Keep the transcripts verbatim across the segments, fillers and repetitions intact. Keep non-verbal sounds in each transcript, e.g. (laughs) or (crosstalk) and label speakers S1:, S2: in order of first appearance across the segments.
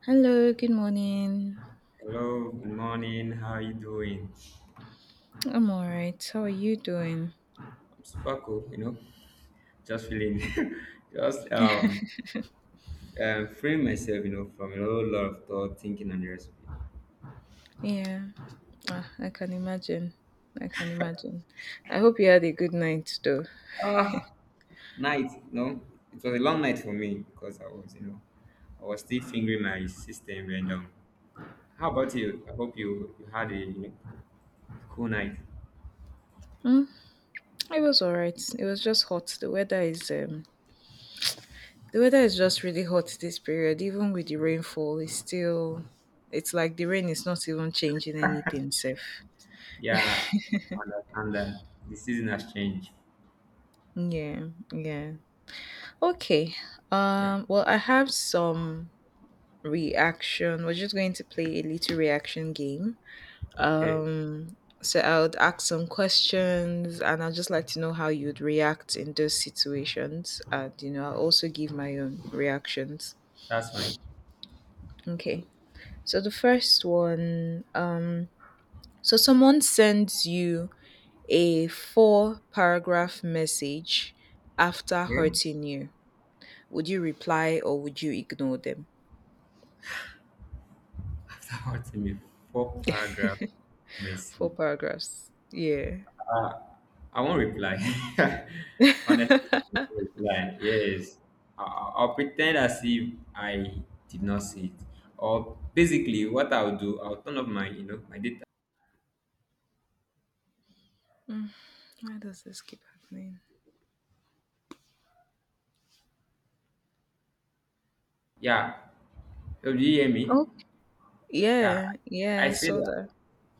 S1: Hello, good morning.
S2: Hello, good morning. How are you doing?
S1: I'm all right. How are you doing?
S2: I'm super cool, you know, just feeling, (laughs) just um, um, freeing myself, you know, from a whole lot of thought, thinking, and the rest of it.
S1: Yeah, ah, I can imagine. I can imagine. I hope you had a good night though.
S2: Night, you know, it was a long night for me because I was, you know, I was still fingering my system. And um, how about you? I hope you you had a you know, cool night.
S1: Mm, it was all right. It was just hot. The weather is um the weather is just really hot this period. Even with the rainfall, it's still it's like the rain is not even changing anything safe.
S2: Yeah, I understand that the season has changed.
S1: Yeah, yeah. Okay.
S2: Yeah, yeah,
S1: Um well, I have some reaction. We're just going to play a little reaction game.
S2: okay,
S1: So I would ask some questions and I'd just like to know how you'd react in those situations. And, you know, I'll also give my own reactions.
S2: that's fine.
S1: Okay. So the first one, um, so someone sends you a four paragraph message after
S2: Yeah,
S1: hurting you. Would you reply or would you ignore them?
S2: (laughs) after writing a four paragraph message
S1: Four paragraphs. Yeah.
S2: I won't reply. (laughs)
S1: (laughs)
S2: Honestly, I won't reply. Yes, I- I- I'll pretend as if I did not see it. Or basically, what I'll do, I'll turn off my, you know, my data.
S1: Why does this keep happening?
S2: Yeah. So do you hear me?
S1: Oh,
S2: Yeah.
S1: yeah. Yeah.
S2: I
S1: I
S2: say
S1: saw
S2: that.
S1: that.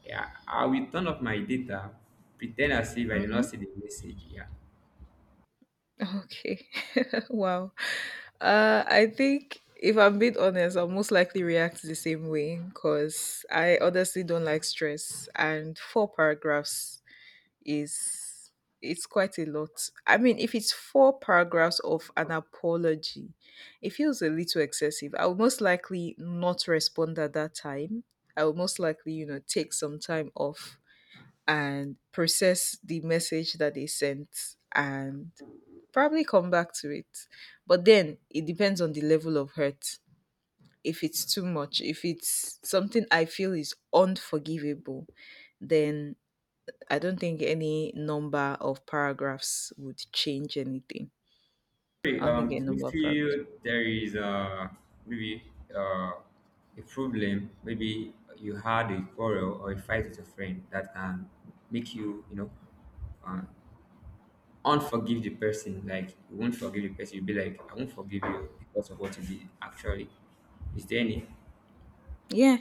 S2: Yeah. I will turn off my data, pretend as if I did not
S1: Mhm.
S2: see the message. Yeah.
S1: Okay. (laughs) Wow. Uh, I think if I'm being honest, I'll most likely react the same way because I honestly don't like stress, and four paragraphs is it's quite a lot. I mean, if it's four paragraphs of an apology, it feels a little excessive. I will most likely not respond at that time. I will most likely, you know, take some time off and process the message that they sent and probably come back to it. But then it depends on the level of hurt. If it's too much, if it's something I feel is unforgivable, then I don't think any number of paragraphs would change anything.
S2: Hey,
S1: I don't think
S2: um,
S1: any
S2: do you
S1: number of paragraphs.
S2: feel there is uh, maybe uh, a problem? Maybe you had a quarrel or a fight with a friend that can make you, you know, uh, unforgive the person. Like you won't forgive the person. You'll be like, I won't forgive you because of what you did. Actually, is there any?
S1: Yeah,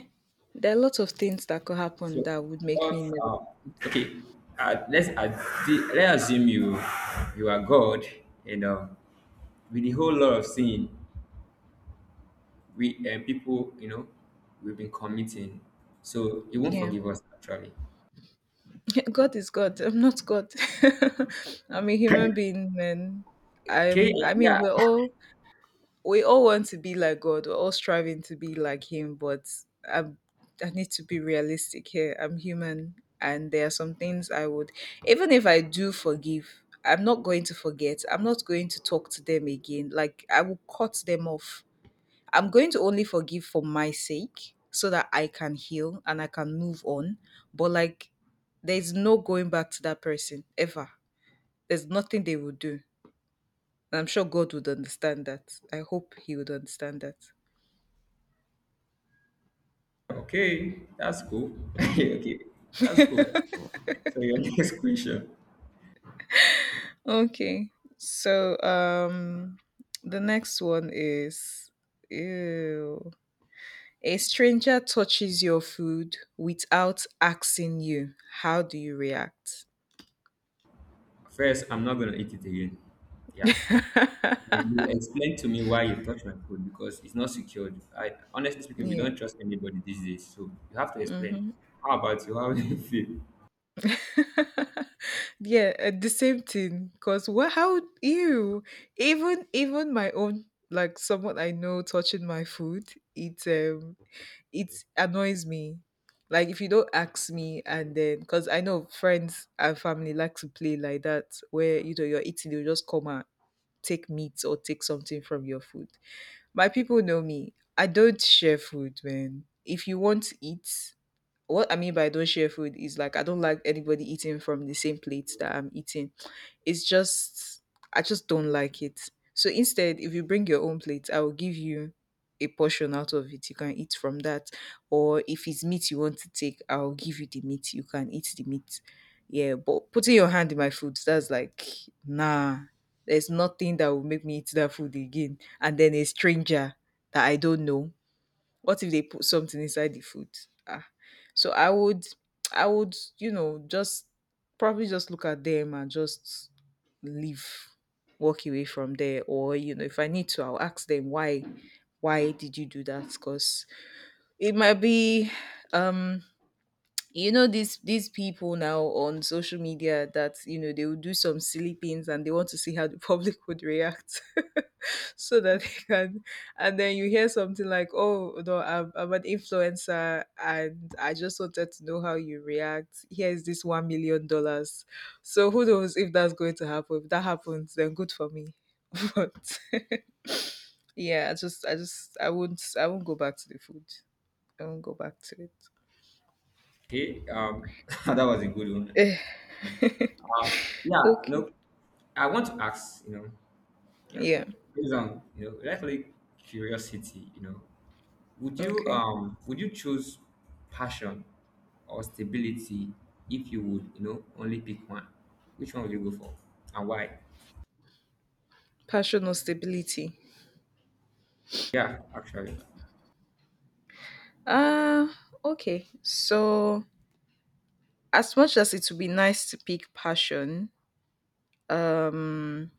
S1: there are lots of things that could happen
S2: So,
S1: that would make
S2: what?
S1: me never.
S2: Um, okay, uh, let's ad- let's assume you you are God and um, with a whole lot of sin. We uh, people you know we've been committing, so he won't
S1: Yeah,
S2: forgive us actually.
S1: (laughs) God is God. I'm not God. (laughs) I'm a human being, man.
S2: Okay,
S1: I'm. I mean,
S2: yeah.
S1: we're all we all want to be like God. We're all striving to be like Him, but I I need to be realistic here. I'm human, and there are some things I would, even if I do forgive, I'm not going to forget. I'm not going to talk to them again. Like I will cut them off. I'm going to only forgive for my sake, so that I can heal and I can move on. But like, there's no going back to that person ever. There's nothing they will do. And I'm sure God would understand that. I hope He would understand that.
S2: Okay, that's cool. (laughs) Okay, that's cool. So your (laughs) next question.
S1: Okay. So um the next one is ew. A stranger touches your food without asking you. How do you react?
S2: First, I'm not gonna eat it again. Yeah.
S1: (laughs)
S2: And you explain to me why you touch my food, because it's not secured. I honestly speaking, we
S1: yeah.
S2: don't trust anybody these days, so you have to explain.
S1: Mm-hmm.
S2: How about you? How (laughs) do you feel?
S1: (laughs) Yeah, uh, the same thing. Cause what? How? Ew. Even even my own, like someone I know touching my food. It um it annoys me. Like if you don't ask me, and then because I know friends and family like to play like that where you know you're eating, they'll just come and take meat or take something from your food. My people know me. I don't share food, man. If you want to eat, what I mean by don't share food is like I don't like anybody eating from the same plate that I'm eating. It's just I just don't like it. So instead, if you bring your own plate, I will give you a portion out of it. You can eat from that. Or if it's meat you want to take, I'll give you the meat. You can eat the meat. Yeah, but putting your hand in my food, that's like nah. There's nothing that will make me eat that food again. And then a stranger that I don't know, what if they put something inside the food? Ah, so I would, I would, you know, just probably just look at them and just leave, walk away from there. Or you know, if I need to, I'll ask them why, why did you do that? Because it might be, um, you know, these these people now on social media that you know they will do some silly things and they want to see how the (laughs) public would react, (laughs) so that they can, and then you hear something like, oh no, I'm, I'm an influencer and I just wanted to know how you react. Here is this one million dollars. So who knows if that's going to happen? If that happens, then good for me. (laughs) But (laughs) yeah, i just i just i won't i won't go back to the food. I won't go back to it.
S2: Okay, um (laughs) that was a good one.
S1: (sighs)
S2: Yeah,
S1: Okay.
S2: no, I want to ask you know. Yeah.
S1: Yeah.
S2: Based on you know, rightfully curiosity, you know, would you
S1: Okay.
S2: um would you choose passion or stability, if you would, you know, only pick one? Which one would you go for and why?
S1: Personal stability.
S2: Yeah, actually.
S1: Uh okay. So as much as it would be nice to pick passion, um,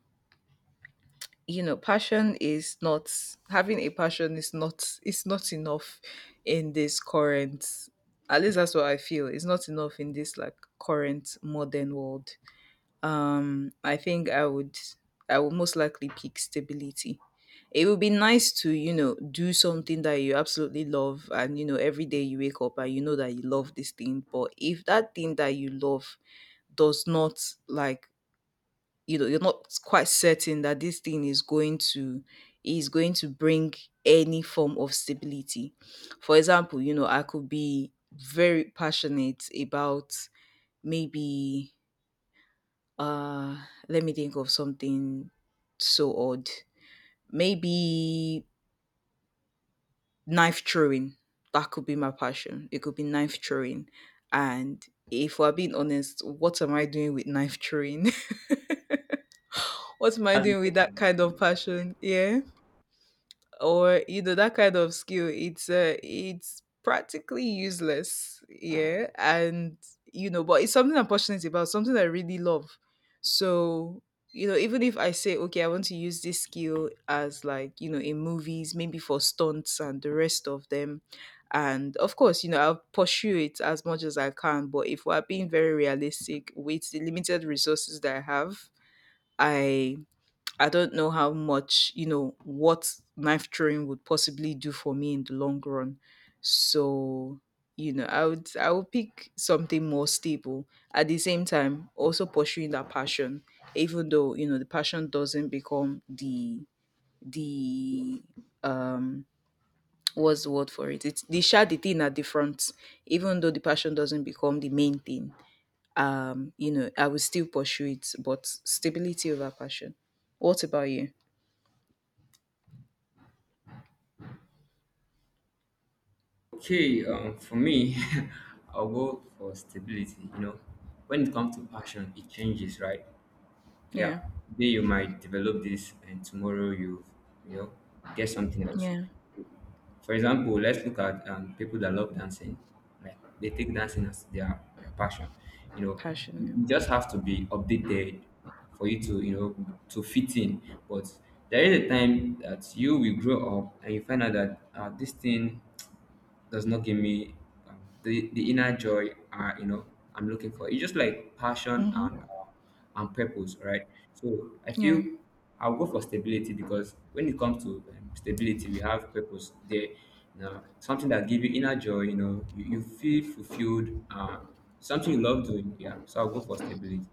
S1: you know, passion is not having a passion is not it's not enough in this current, at least that's what I feel. It's not enough in this like current modern world. um i think i would i would most likely pick stability. It would be nice to, you know, do something that you absolutely love and you know every day you wake up and you know that you love this thing. But if that thing that you love does not, like you know, you're not quite certain that this thing is going to is going to bring any form of stability. For example, you know, I could be very passionate about, maybe, uh, let me think of something so odd. Maybe knife throwing. That could be my passion. It could be knife throwing. And if we're being honest, what am I doing with knife throwing? (laughs) What am I doing with that kind of passion? Yeah. Or you know, that kind of skill, it's uh, it's practically useless. Yeah. And you know, but it's something I'm passionate about, something I really love. So you know, even if I say, okay, I want to use this skill as, like, you know, in movies, maybe for stunts and the rest of them, and of course, you know, I'll pursue it as much as I can. But if we're being very realistic with the limited resources that I have, i I don't know how much, you know, what knife throwing would possibly do for me in the long run. So, you know, I would I would pick something more stable. At the same time, also pursuing that passion, even though, you know, the passion doesn't become the the um what's the word for it? It's they share the shady thing at the front, even though the passion doesn't become the main thing. Um, you know, I would still pursue it, but stability over passion. What about you?
S2: Okay, um, for me, (laughs) I'll go for stability. You know, when it comes to passion, it changes, right?
S1: Yeah.
S2: Yeah, today you might develop this, and tomorrow you, you know, get something else.
S1: Yeah,
S2: For example, let's look at um, people that love dancing. Like they take dancing as their, their passion. You know, you
S1: passion.
S2: you just have to be updated for you to, you know, to fit in. But there is a time that you will grow up and you find out that uh, this thing does not give me um, the, the inner joy uh, you know I'm looking for. It's just like passion and
S1: Mm-hmm.
S2: uh, and purpose, right? So I feel
S1: Yeah.
S2: I'll go for stability, because when it comes to um, stability, we have purpose there. You know, something that give you inner joy. You know, you, you feel fulfilled. Uh, something you love doing. Yeah. So I'll go for stability.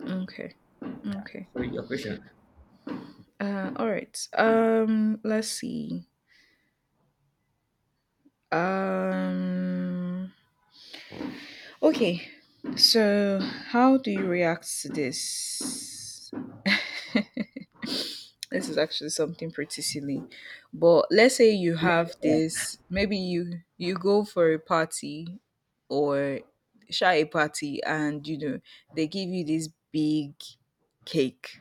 S1: Okay.
S2: Yeah.
S1: Okay.
S2: So your question.
S1: Uh, all right. Um, let's see. Um, okay. So, how do you react to this? This is actually something pretty silly, but let's say you have this. Maybe you you go for a party or shy a party, and you know they give you this big cake,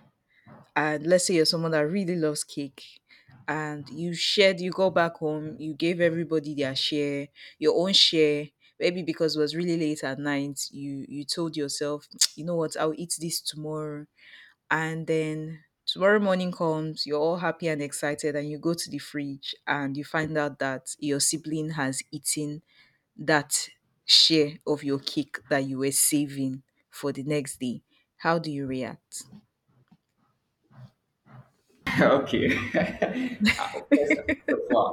S1: and let's say you're someone that really loves cake, and you shared, you go back home, you gave everybody their share, your own share, maybe because it was really late at night, you you told yourself, (tsk) you know what, I'll eat this tomorrow. And then tomorrow morning comes, you're all happy and excited and you go to the fridge and you find out that your sibling has eaten that share of your cake that you were saving for the next day. How do you react?
S2: (laughs) Okay. (laughs) Uh, First first of all,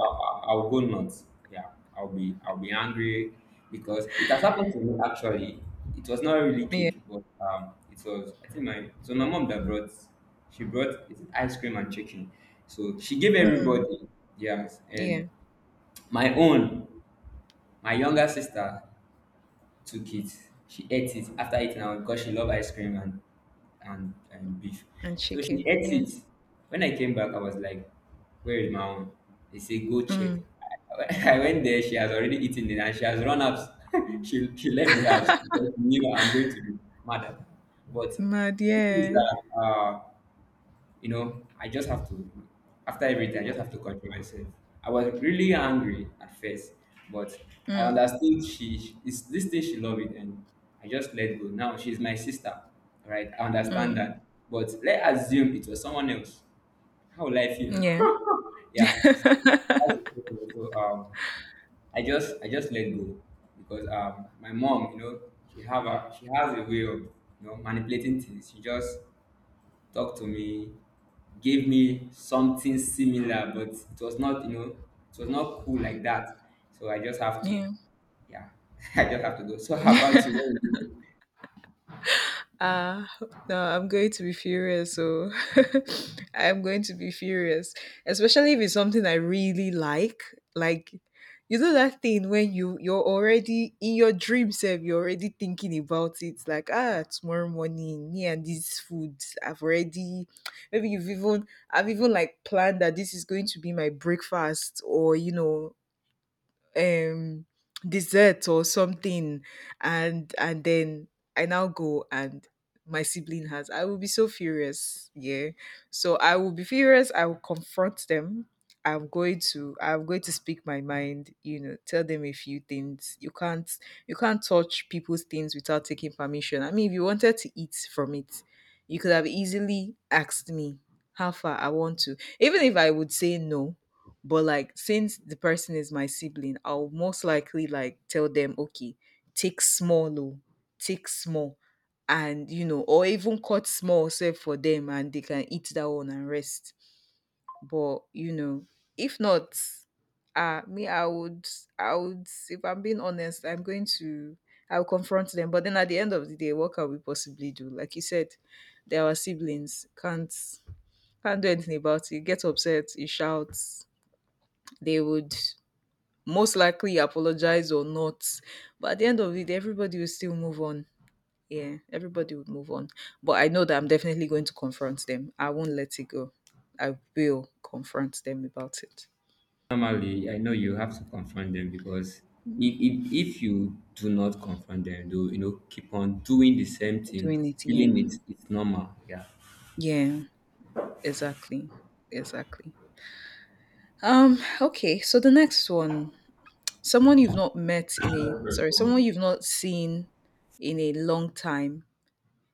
S2: I- I- I'll go nuts. Yeah, I'll be I'll be angry because it has happened to me actually. It was not really
S1: Yeah.
S2: cake, but um, it was I think my so my mom that brought she brought is it ice cream and chicken. So she gave
S1: Mm.
S2: everybody yes, and
S1: Yeah.
S2: my own my younger sister took it. She ate it after eating out because she loved ice cream and and, and beef.
S1: And
S2: So she
S1: chicken,
S2: ate
S1: yeah.
S2: it. When I came back, I was like, "Where is my own?" They say, "Go check."
S1: Mm.
S2: I (laughs) I went there. She has already eaten it and she has run out. (laughs) She she left the house because she knew I'm going to be mad at her. But
S1: Mad,
S2: the thing is
S1: yeah.
S2: that uh, you know, I just have to, after everything, I just have to control myself. I was really angry at first, but I
S1: Mm,
S2: understood she, she- it's this thing she loved it, and I just let go. Now she's my sister, right? I understand
S1: mm.
S2: that, but let's assume it was someone else. How will I feel?
S1: Yeah,
S2: (laughs) yeah, it's, that's the problem. So um, I just I just let go, because um, my mom, you know, she have a she has a way of you know manipulating things. She just talked to me, gave me something similar, but it was not, you know, it was not cool like that. So I just have to,
S1: yeah.
S2: yeah, (laughs) I just have to go. So how about you? What would you do?
S1: Ah, no, I'm going to be furious. So (laughs) I'm going to be furious, especially if it's something I really like. Like, you know that thing when you you're already in your dream self, you're already thinking about it. Like, ah, tomorrow morning, me and this food, I've already. Maybe you've even, I've even like planned that this is going to be my breakfast, or you know, um dessert or something. and and then I now go and my sibling has, I will be so furious. Yeah, so I will be furious, I will confront them. I'm going to i'm going to speak my mind, you know, tell them a few things. You can't you can't touch people's things without taking permission. I mean, if you wanted to eat from it, you could have easily asked me. How far? I want to, even if I would say no, but like since the person is my sibling, I'll most likely like tell them, okay, take small, oh, take small, and you know, or even cut small self for them, and they can eat that one and rest. But you know, if not, uh me, I would, I would. If I'm being honest, I'm going to. I'll confront them, but then at the end of the day, what can we possibly do? Like you said, they are siblings. Can't can't do anything about it. Get upset, you shout. They would most likely apologize or not. But at the end of it, everybody will still move on. Yeah, everybody would move on. But I know that I'm definitely going to confront them. I won't let it go. I will confront them about it.
S2: Normally, I know you have to confront them, because if, if, if you do not confront them, do you know, keep on doing the same thing,
S1: Doing it, yeah.
S2: feeling it, it's normal. Yeah.
S1: Yeah, exactly. Exactly. Um, okay, so the next one. Someone you've not met in a sorry, someone you've not seen in a long time.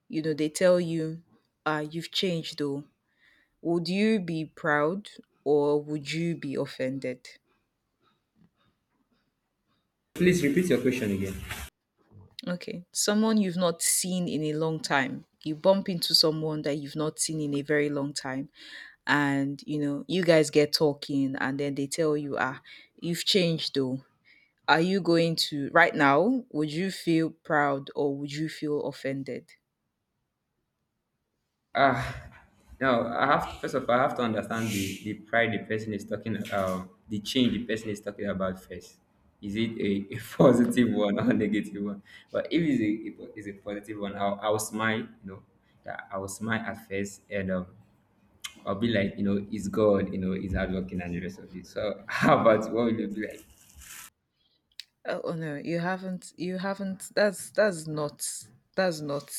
S1: You know, they tell you, uh, you've changed though. Would you be proud or would you be offended?
S2: Please repeat your question again.
S1: Okay, someone you've not seen in a long time. You bump into someone that you've not seen in a very long time, and you know, you guys get talking, and then they tell you, ah, you've changed though. Are you going to, right now, would you feel proud or would you feel offended?
S2: Ah, no, I have first of all, I have to understand the, the pride the person is talking about, the change the person is talking about first. Is it a, (laughs) a positive one or negative a negative one? But if it's a, if it's a positive one, I'll, I'll smile, you know. Yeah, I will smile at first and um, I'll be like, you know, it's God, you know, it's hardworking and the rest of it. So (laughs) how about what will you be like?
S1: Oh, oh no, you haven't. You haven't. That's that's not. That's not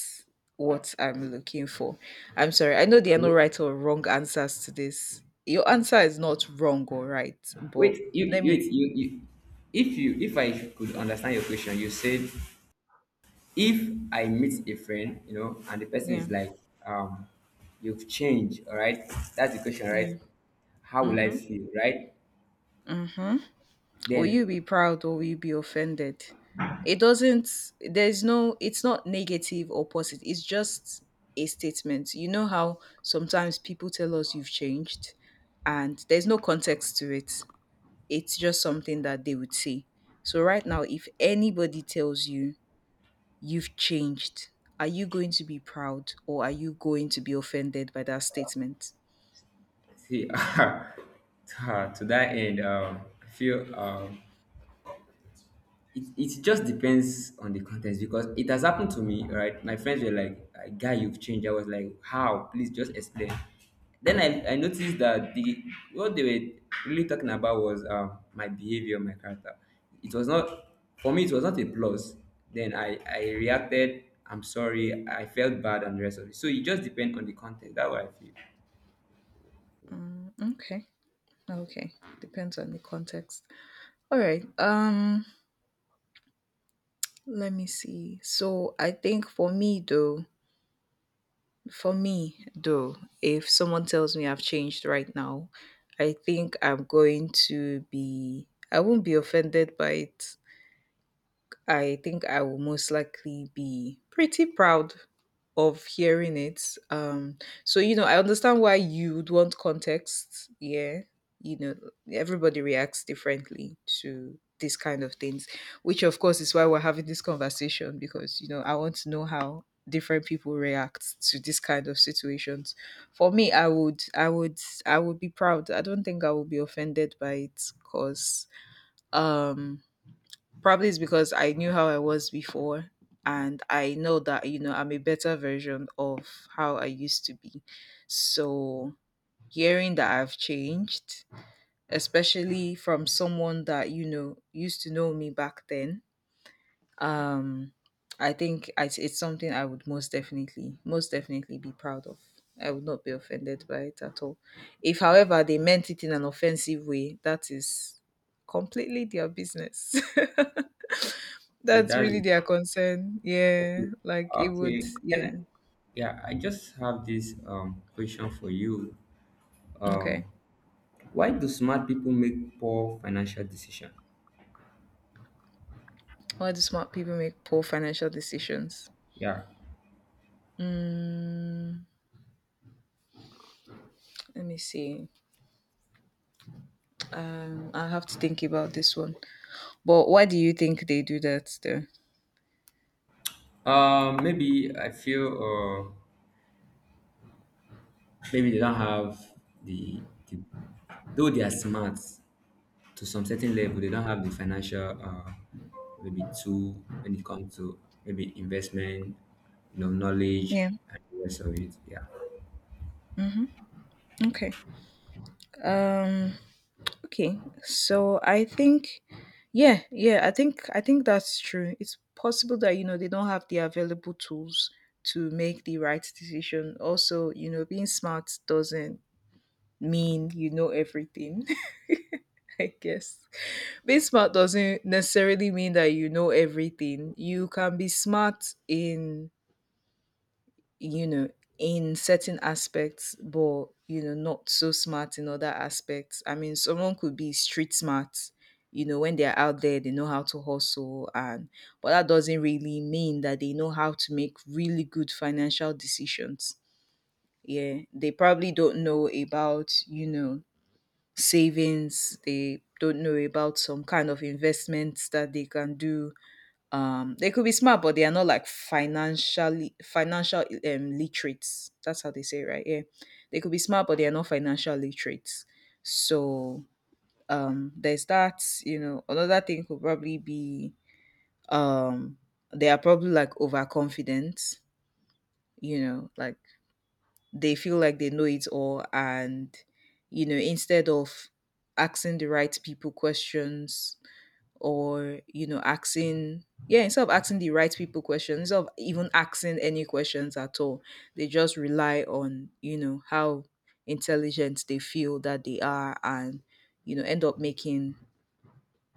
S1: what I'm looking for. I'm sorry. I know there are no right or wrong answers to this. Your answer is not wrong or right, but
S2: Wait, you,
S1: let
S2: you,
S1: me.
S2: you, you, if you, if I could understand your question, you said if I meet a friend, you know, and the person
S1: Yeah.
S2: is like, um, you've changed, all right? That's the question, right?
S1: Yeah.
S2: How will I
S1: Mm-hmm.
S2: feel, right?
S1: Mm-hmm. Will you
S2: Then,
S1: be proud or will you be offended? It doesn't. There's no. It's not negative or positive. It's just a statement. You know how sometimes people tell us you've changed, and there's no context to it. It's just something that they would say. So, right now, if anybody tells you you've changed, are you going to be proud or are you going to be offended by that statement?
S2: see, (laughs) to, to that end, um, I feel um, it, it just depends on the context because it has happened to me, right. My friends were like, "Ah, guy, you've changed." I was like, how? Please just explain. Then i, I noticed that the what they were really talking about was um, my behavior, my character. It was not, for me it was not a plus. Then i I reacted, I'm sorry, I felt bad and the rest of it. So it just depends on the context. That's what I feel.
S1: Okay. Okay. Depends on the context. All right. Um let me see. So I think for me though, for me though, if someone tells me I've changed right now, I think I'm going to be I won't be offended by it. I think I will most likely be pretty proud of hearing it. Um, so you know, I understand why you would want context. Yeah, you know, everybody reacts differently to these kind of things, which of course is why we're having this conversation because you know I want to know how different people react to this kind of situations. For me, I would, I would, I would be proud. I don't think I would be offended by it because probably it's because I knew how I was before and I know that you know I'm a better version of how I used to be. So hearing that I've changed, especially from someone that you know used to know me back then, um I think it's, it's something I would most definitely most definitely be proud of. I would not be offended by it at all. If however they meant it in an offensive way, that is completely their business. (laughs)
S2: It
S1: That's
S2: does
S1: really
S2: not,
S1: their concern. Yeah.
S2: okay,
S1: Like it
S2: okay.
S1: would,
S2: Can I,
S1: yeah.
S2: yeah, I just have this um question for you. Um,
S1: Okay.
S2: Why do smart people make poor financial decision?
S1: Why do smart people make poor financial decisions?
S2: Yeah.
S1: Mm, let me see. Um, I have to think about this one. But why do you think they do that though?
S2: Um, maybe I feel uh, maybe they don't have the, the though they are smart to some certain level, they don't have the financial uh, maybe tool when it comes to maybe investment, you know, knowledge
S1: Yeah.
S2: and the rest of it. Yeah.
S1: Okay. Um okay. So I think yeah, yeah, I think I think that's true. It's possible that you know they don't have the available tools to make the right decision. Also, you know, being smart doesn't mean you know everything, (laughs) I guess. Being smart doesn't necessarily mean that you know everything. You can be smart in, you know, in certain aspects, but, you know, not so smart in other aspects. I mean, someone could be street smart. You know, when they're out there, they know how to hustle, and but that doesn't really mean that they know how to make really good financial decisions. Yeah, they probably don't know about you know savings. They don't know about some kind of investments that they can do. Um they could be smart but they are not like financially financial um literates. That's how they say it, right? Yeah, they could be smart but they are not financial literates. So um there's that. You know, another thing could probably be um they are probably like overconfident. You know, like they feel like they know it all and you know instead of asking the right people questions or you know asking yeah instead of asking the right people questions, instead of even asking any questions at all, they just rely on you know how intelligent they feel that they are and you know end up making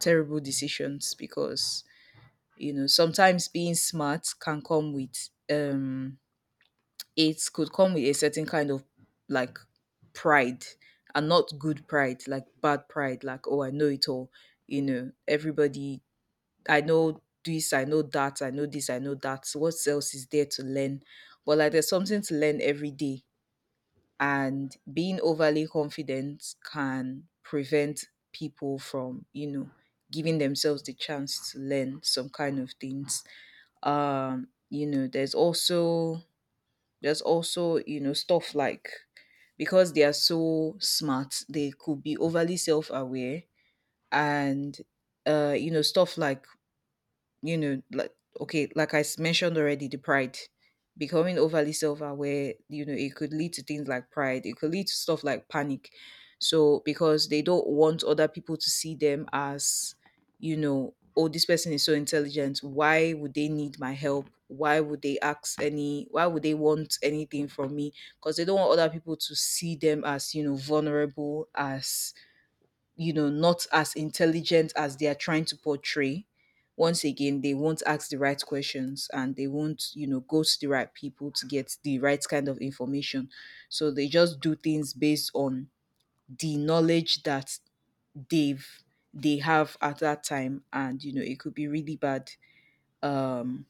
S1: terrible decisions because you know sometimes being smart can come with um it could come with a certain kind of like pride. And not good pride, like bad pride, like, oh, I know it all. You know, everybody, I know this, I know that, I know this, I know that. What else is there to learn? But like, there's something to learn every day. And being overly confident can prevent people from, you know, giving themselves the chance to learn some kind of things. Um, you know, there's also there's also, you know, stuff like because they are so smart, they could be overly self aware and uh, you know, stuff like you know, like okay, like I s- mentioned already, the pride, becoming overly self-aware. You know, it could lead to things like pride. It could lead to stuff like panic. So because they don't want other people to see them as, you know, oh, this person is so intelligent. Why would they need my help? Why would they ask any? Why would they want anything from me? Because they don't want other people to see them as, you know, vulnerable, as you know, not as intelligent as they are trying to portray. Once again, they won't ask the right questions and they won't, you know, go to the right people to get the right kind of information. So they just do things based on the knowledge that they've they have at that time, and you know it could be really bad. um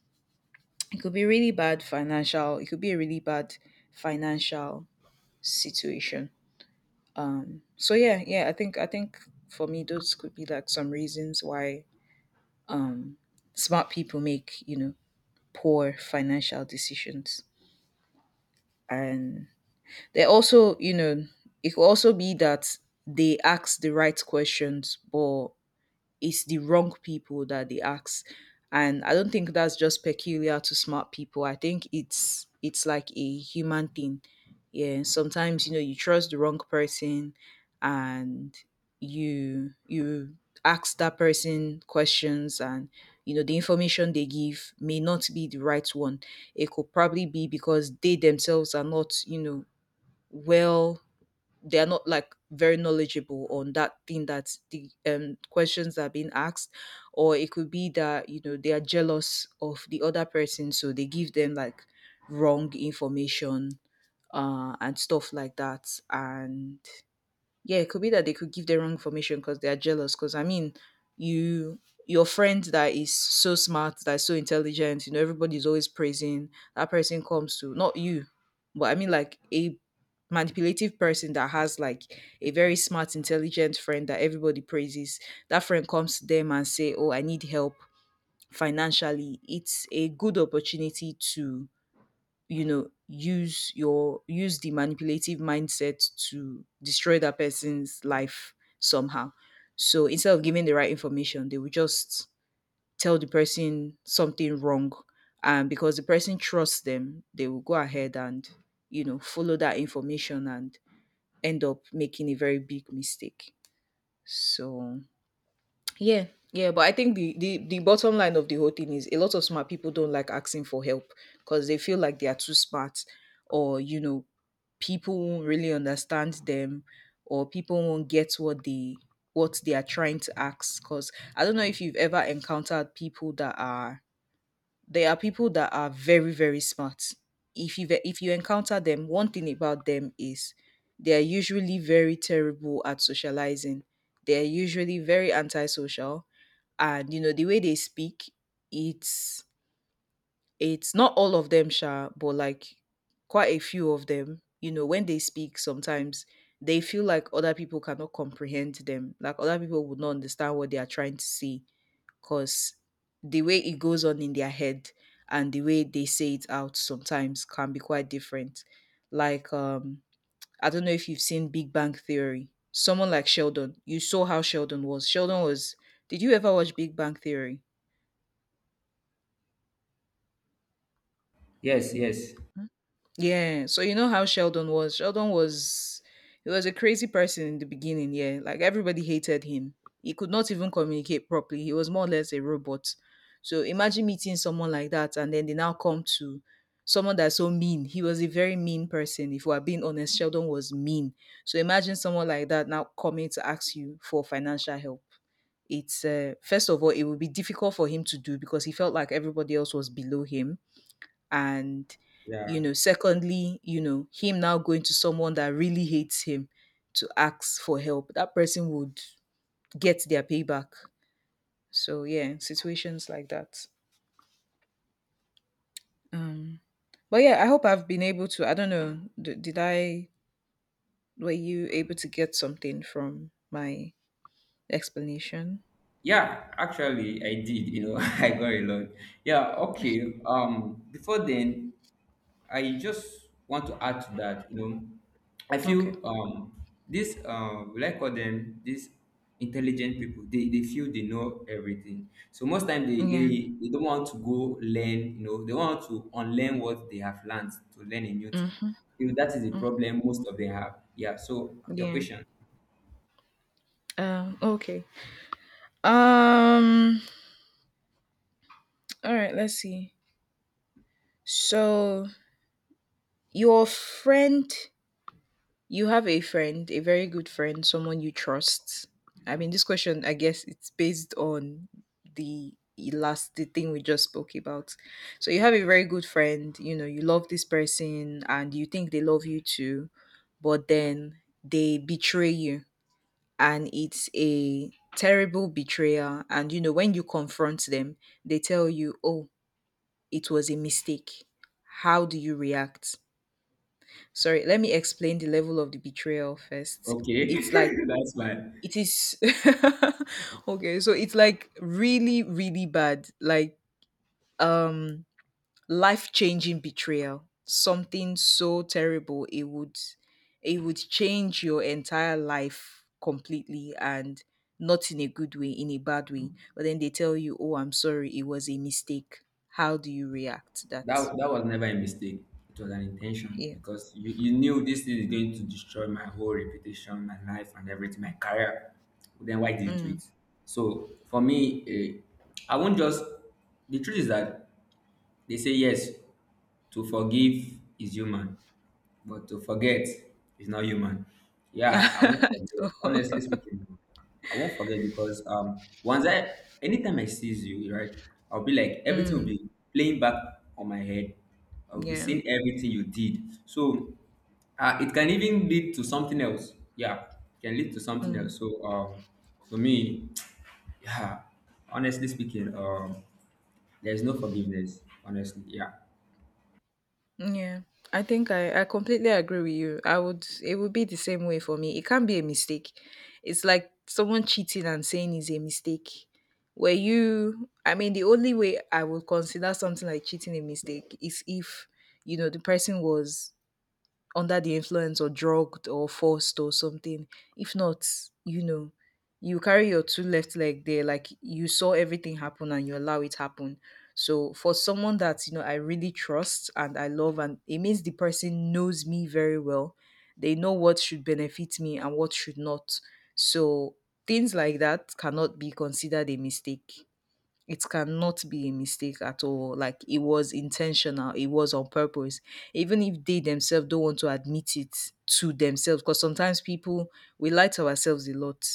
S1: it could be really bad financial It could be a really bad financial situation. So yeah, yeah, i think i think for me those could be like some reasons why smart people make you know poor financial decisions. And they also you know it could also be that they ask the right questions but it's the wrong people that they ask. And I don't think that's just peculiar to smart people. I think it's it's like a human thing. Yeah, sometimes you know you trust the wrong person and you you ask that person questions and you know the information they give may not be the right one. It could probably be because they themselves are not you know well, they are not like very knowledgeable on that thing that the um, questions that are being asked. Or it could be that you know they are jealous of the other person so they give them like wrong information, uh, and stuff like that. And yeah, it could be that they could give the wrong information because they are jealous. Because I mean, you your friend that is so smart, that's so intelligent, you know, everybody's always praising that person, comes to not you, but I mean like a manipulative person that has like a very smart, intelligent friend that everybody praises. That friend comes to them and say, "Oh, I need help financially." It's a good opportunity to you know use your use the manipulative mindset to destroy that person's life somehow. So instead of giving the right information they will just tell the person something wrong, and because the person trusts them they will go ahead and you know follow that information and end up making a very big mistake. So yeah, yeah, but I think the the, the bottom line of the whole thing is a lot of smart people don't like asking for help because they feel like they are too smart, or you know people won't really understand them, or people won't get what they what they are trying to ask. Because I don't know if you've ever encountered people that are there are people that are very very smart. If you if you encounter them, one thing about them is they are usually very terrible at socializing. They are usually very antisocial. And you know the way they speak, it's it's not all of them sha, but like quite a few of them, you know, when they speak sometimes they feel like other people cannot comprehend them. Like other people would not understand what they are trying to say, because the way it goes on in their head and the way they say it out sometimes can be quite different. Like um I don't know if you've seen Big Bang Theory. Someone like Sheldon, you saw how Sheldon was. Sheldon was did you ever watch Big Bang Theory?
S2: Yes, yes.
S1: Yeah. So you know how Sheldon was. Sheldon was, he was a crazy person in the beginning, yeah. Like everybody hated him. He could not even communicate properly. He was more or less a robot. So imagine meeting someone like that and then they now come to someone that's so mean. He was a very mean person. If we're being honest, Sheldon was mean. So imagine someone like that now coming to ask you for financial help. It's uh, first of all, it would be difficult for him to do because he felt like everybody else was below him, and
S2: Yeah.
S1: you know, secondly, you know, him now going to someone that really hates him to ask for help, that person would get their payback. So yeah, situations like that. um but yeah, I hope I've been able to, I don't know, d- did i were you able to get something from my explanation?
S2: Yeah, actually, I did. You know, (laughs) I got a lot. Yeah, okay. Um, before then, I just want to add to that. You know, I
S1: (laughs) Okay.
S2: feel um this uh will I call them these intelligent people. They they feel they know everything. So most time they
S1: Yeah.
S2: they, they don't want to go learn. You know, they want to unlearn what they have learned to learn a new thing.
S1: Mm-hmm,
S2: If that is the
S1: mm-hmm.
S2: problem most of them have. Yeah. So your
S1: Yeah.
S2: question.
S1: Um okay. um all right, let's see. so your friend. You have a friend, a very good friend, someone you trust. I mean, this question, I guess, it's based on the last the thing we just spoke about. So you have a very good friend, you know, you love this person and you think they love you too, but then they betray you and it's a terrible betrayal, and you know, when you confront them, they tell you, "Oh, it was a mistake." How do you react? Sorry, let me explain the level of the betrayal first.
S2: Okay,
S1: It's like
S2: (laughs) that's fine.
S1: it is (laughs) okay, so it's like really, really bad. Like um life-changing betrayal. Something so terrible it would, it would change your entire life completely, and not in a good way, in a bad way. But then they tell you, "Oh, I'm sorry, it was a mistake." How do you react to that?
S2: That that was never a mistake. It was an intention,
S1: Yeah.
S2: because you, you knew this thing is going to destroy my whole reputation, my life, and everything, my career. Then why did you do
S1: Mm.
S2: it? So for me, eh, I won't just. The truth is that they say yes, to forgive is human, but to forget is not human. Yeah, I won't
S1: (laughs)
S2: forget.
S1: So,
S2: Honestly speaking, I won't forget because um once I anytime I sees you, right, I'll be like everything will
S1: mm,
S2: be playing back on my head. I'll be
S1: yeah.
S2: seeing everything you did. So uh, it can even lead to something else. Yeah, it can lead to something
S1: Mm,
S2: else. So um for me, (tsk) yeah, honestly speaking, um there's no forgiveness, honestly. Yeah,
S1: yeah, I think I, I completely agree with you. I would, it would be the same way for me. It can't be a mistake. It's like someone cheating and saying is a mistake. Where you, I mean, the only way I would consider something like cheating a mistake is if, you know, the person was under the influence or drugged or forced or something. If not, you know, you carry your two left leg there, like you saw everything happen and you allow it happen. So for someone that you know I really trust and I love, and it means the person knows me very well. They know what should benefit me and what should not. So things like that cannot be considered a mistake. It cannot be a mistake at all. Like it was intentional, it was on purpose. Even if they themselves don't want to admit it to themselves, because sometimes people, we lie to ourselves a lot.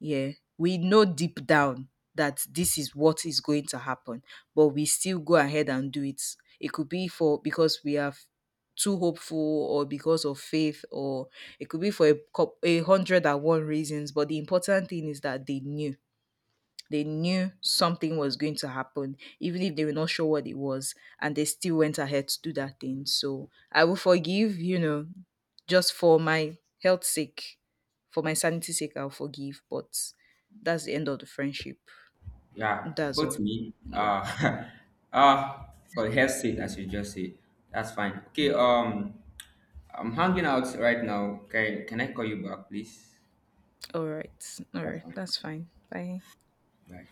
S1: Yeah. We know deep down that this is what is going to happen, but we still go ahead and do it. It could be for because we are too hopeful or because of faith, or it could be for a, cou- a hundred and one reasons, but the important thing is that they knew, they knew something was going to happen, even if they were not sure what it was, and they still went ahead to do that thing. So I will forgive, you know, just for my health sake, for my sanity sake, I'll forgive. But that's the end of the friendship.
S2: yeah.
S1: That's
S2: Both
S1: all.
S2: me.
S1: Yeah.
S2: Uh, (laughs) uh, for her sake, as you just said, that's fine. Okay.
S1: Yeah.
S2: Um, I'm hanging out right now. Can can I call you back, please?
S1: All right. All
S2: That's
S1: right.
S2: fine.
S1: That's fine. Bye.
S2: Bye.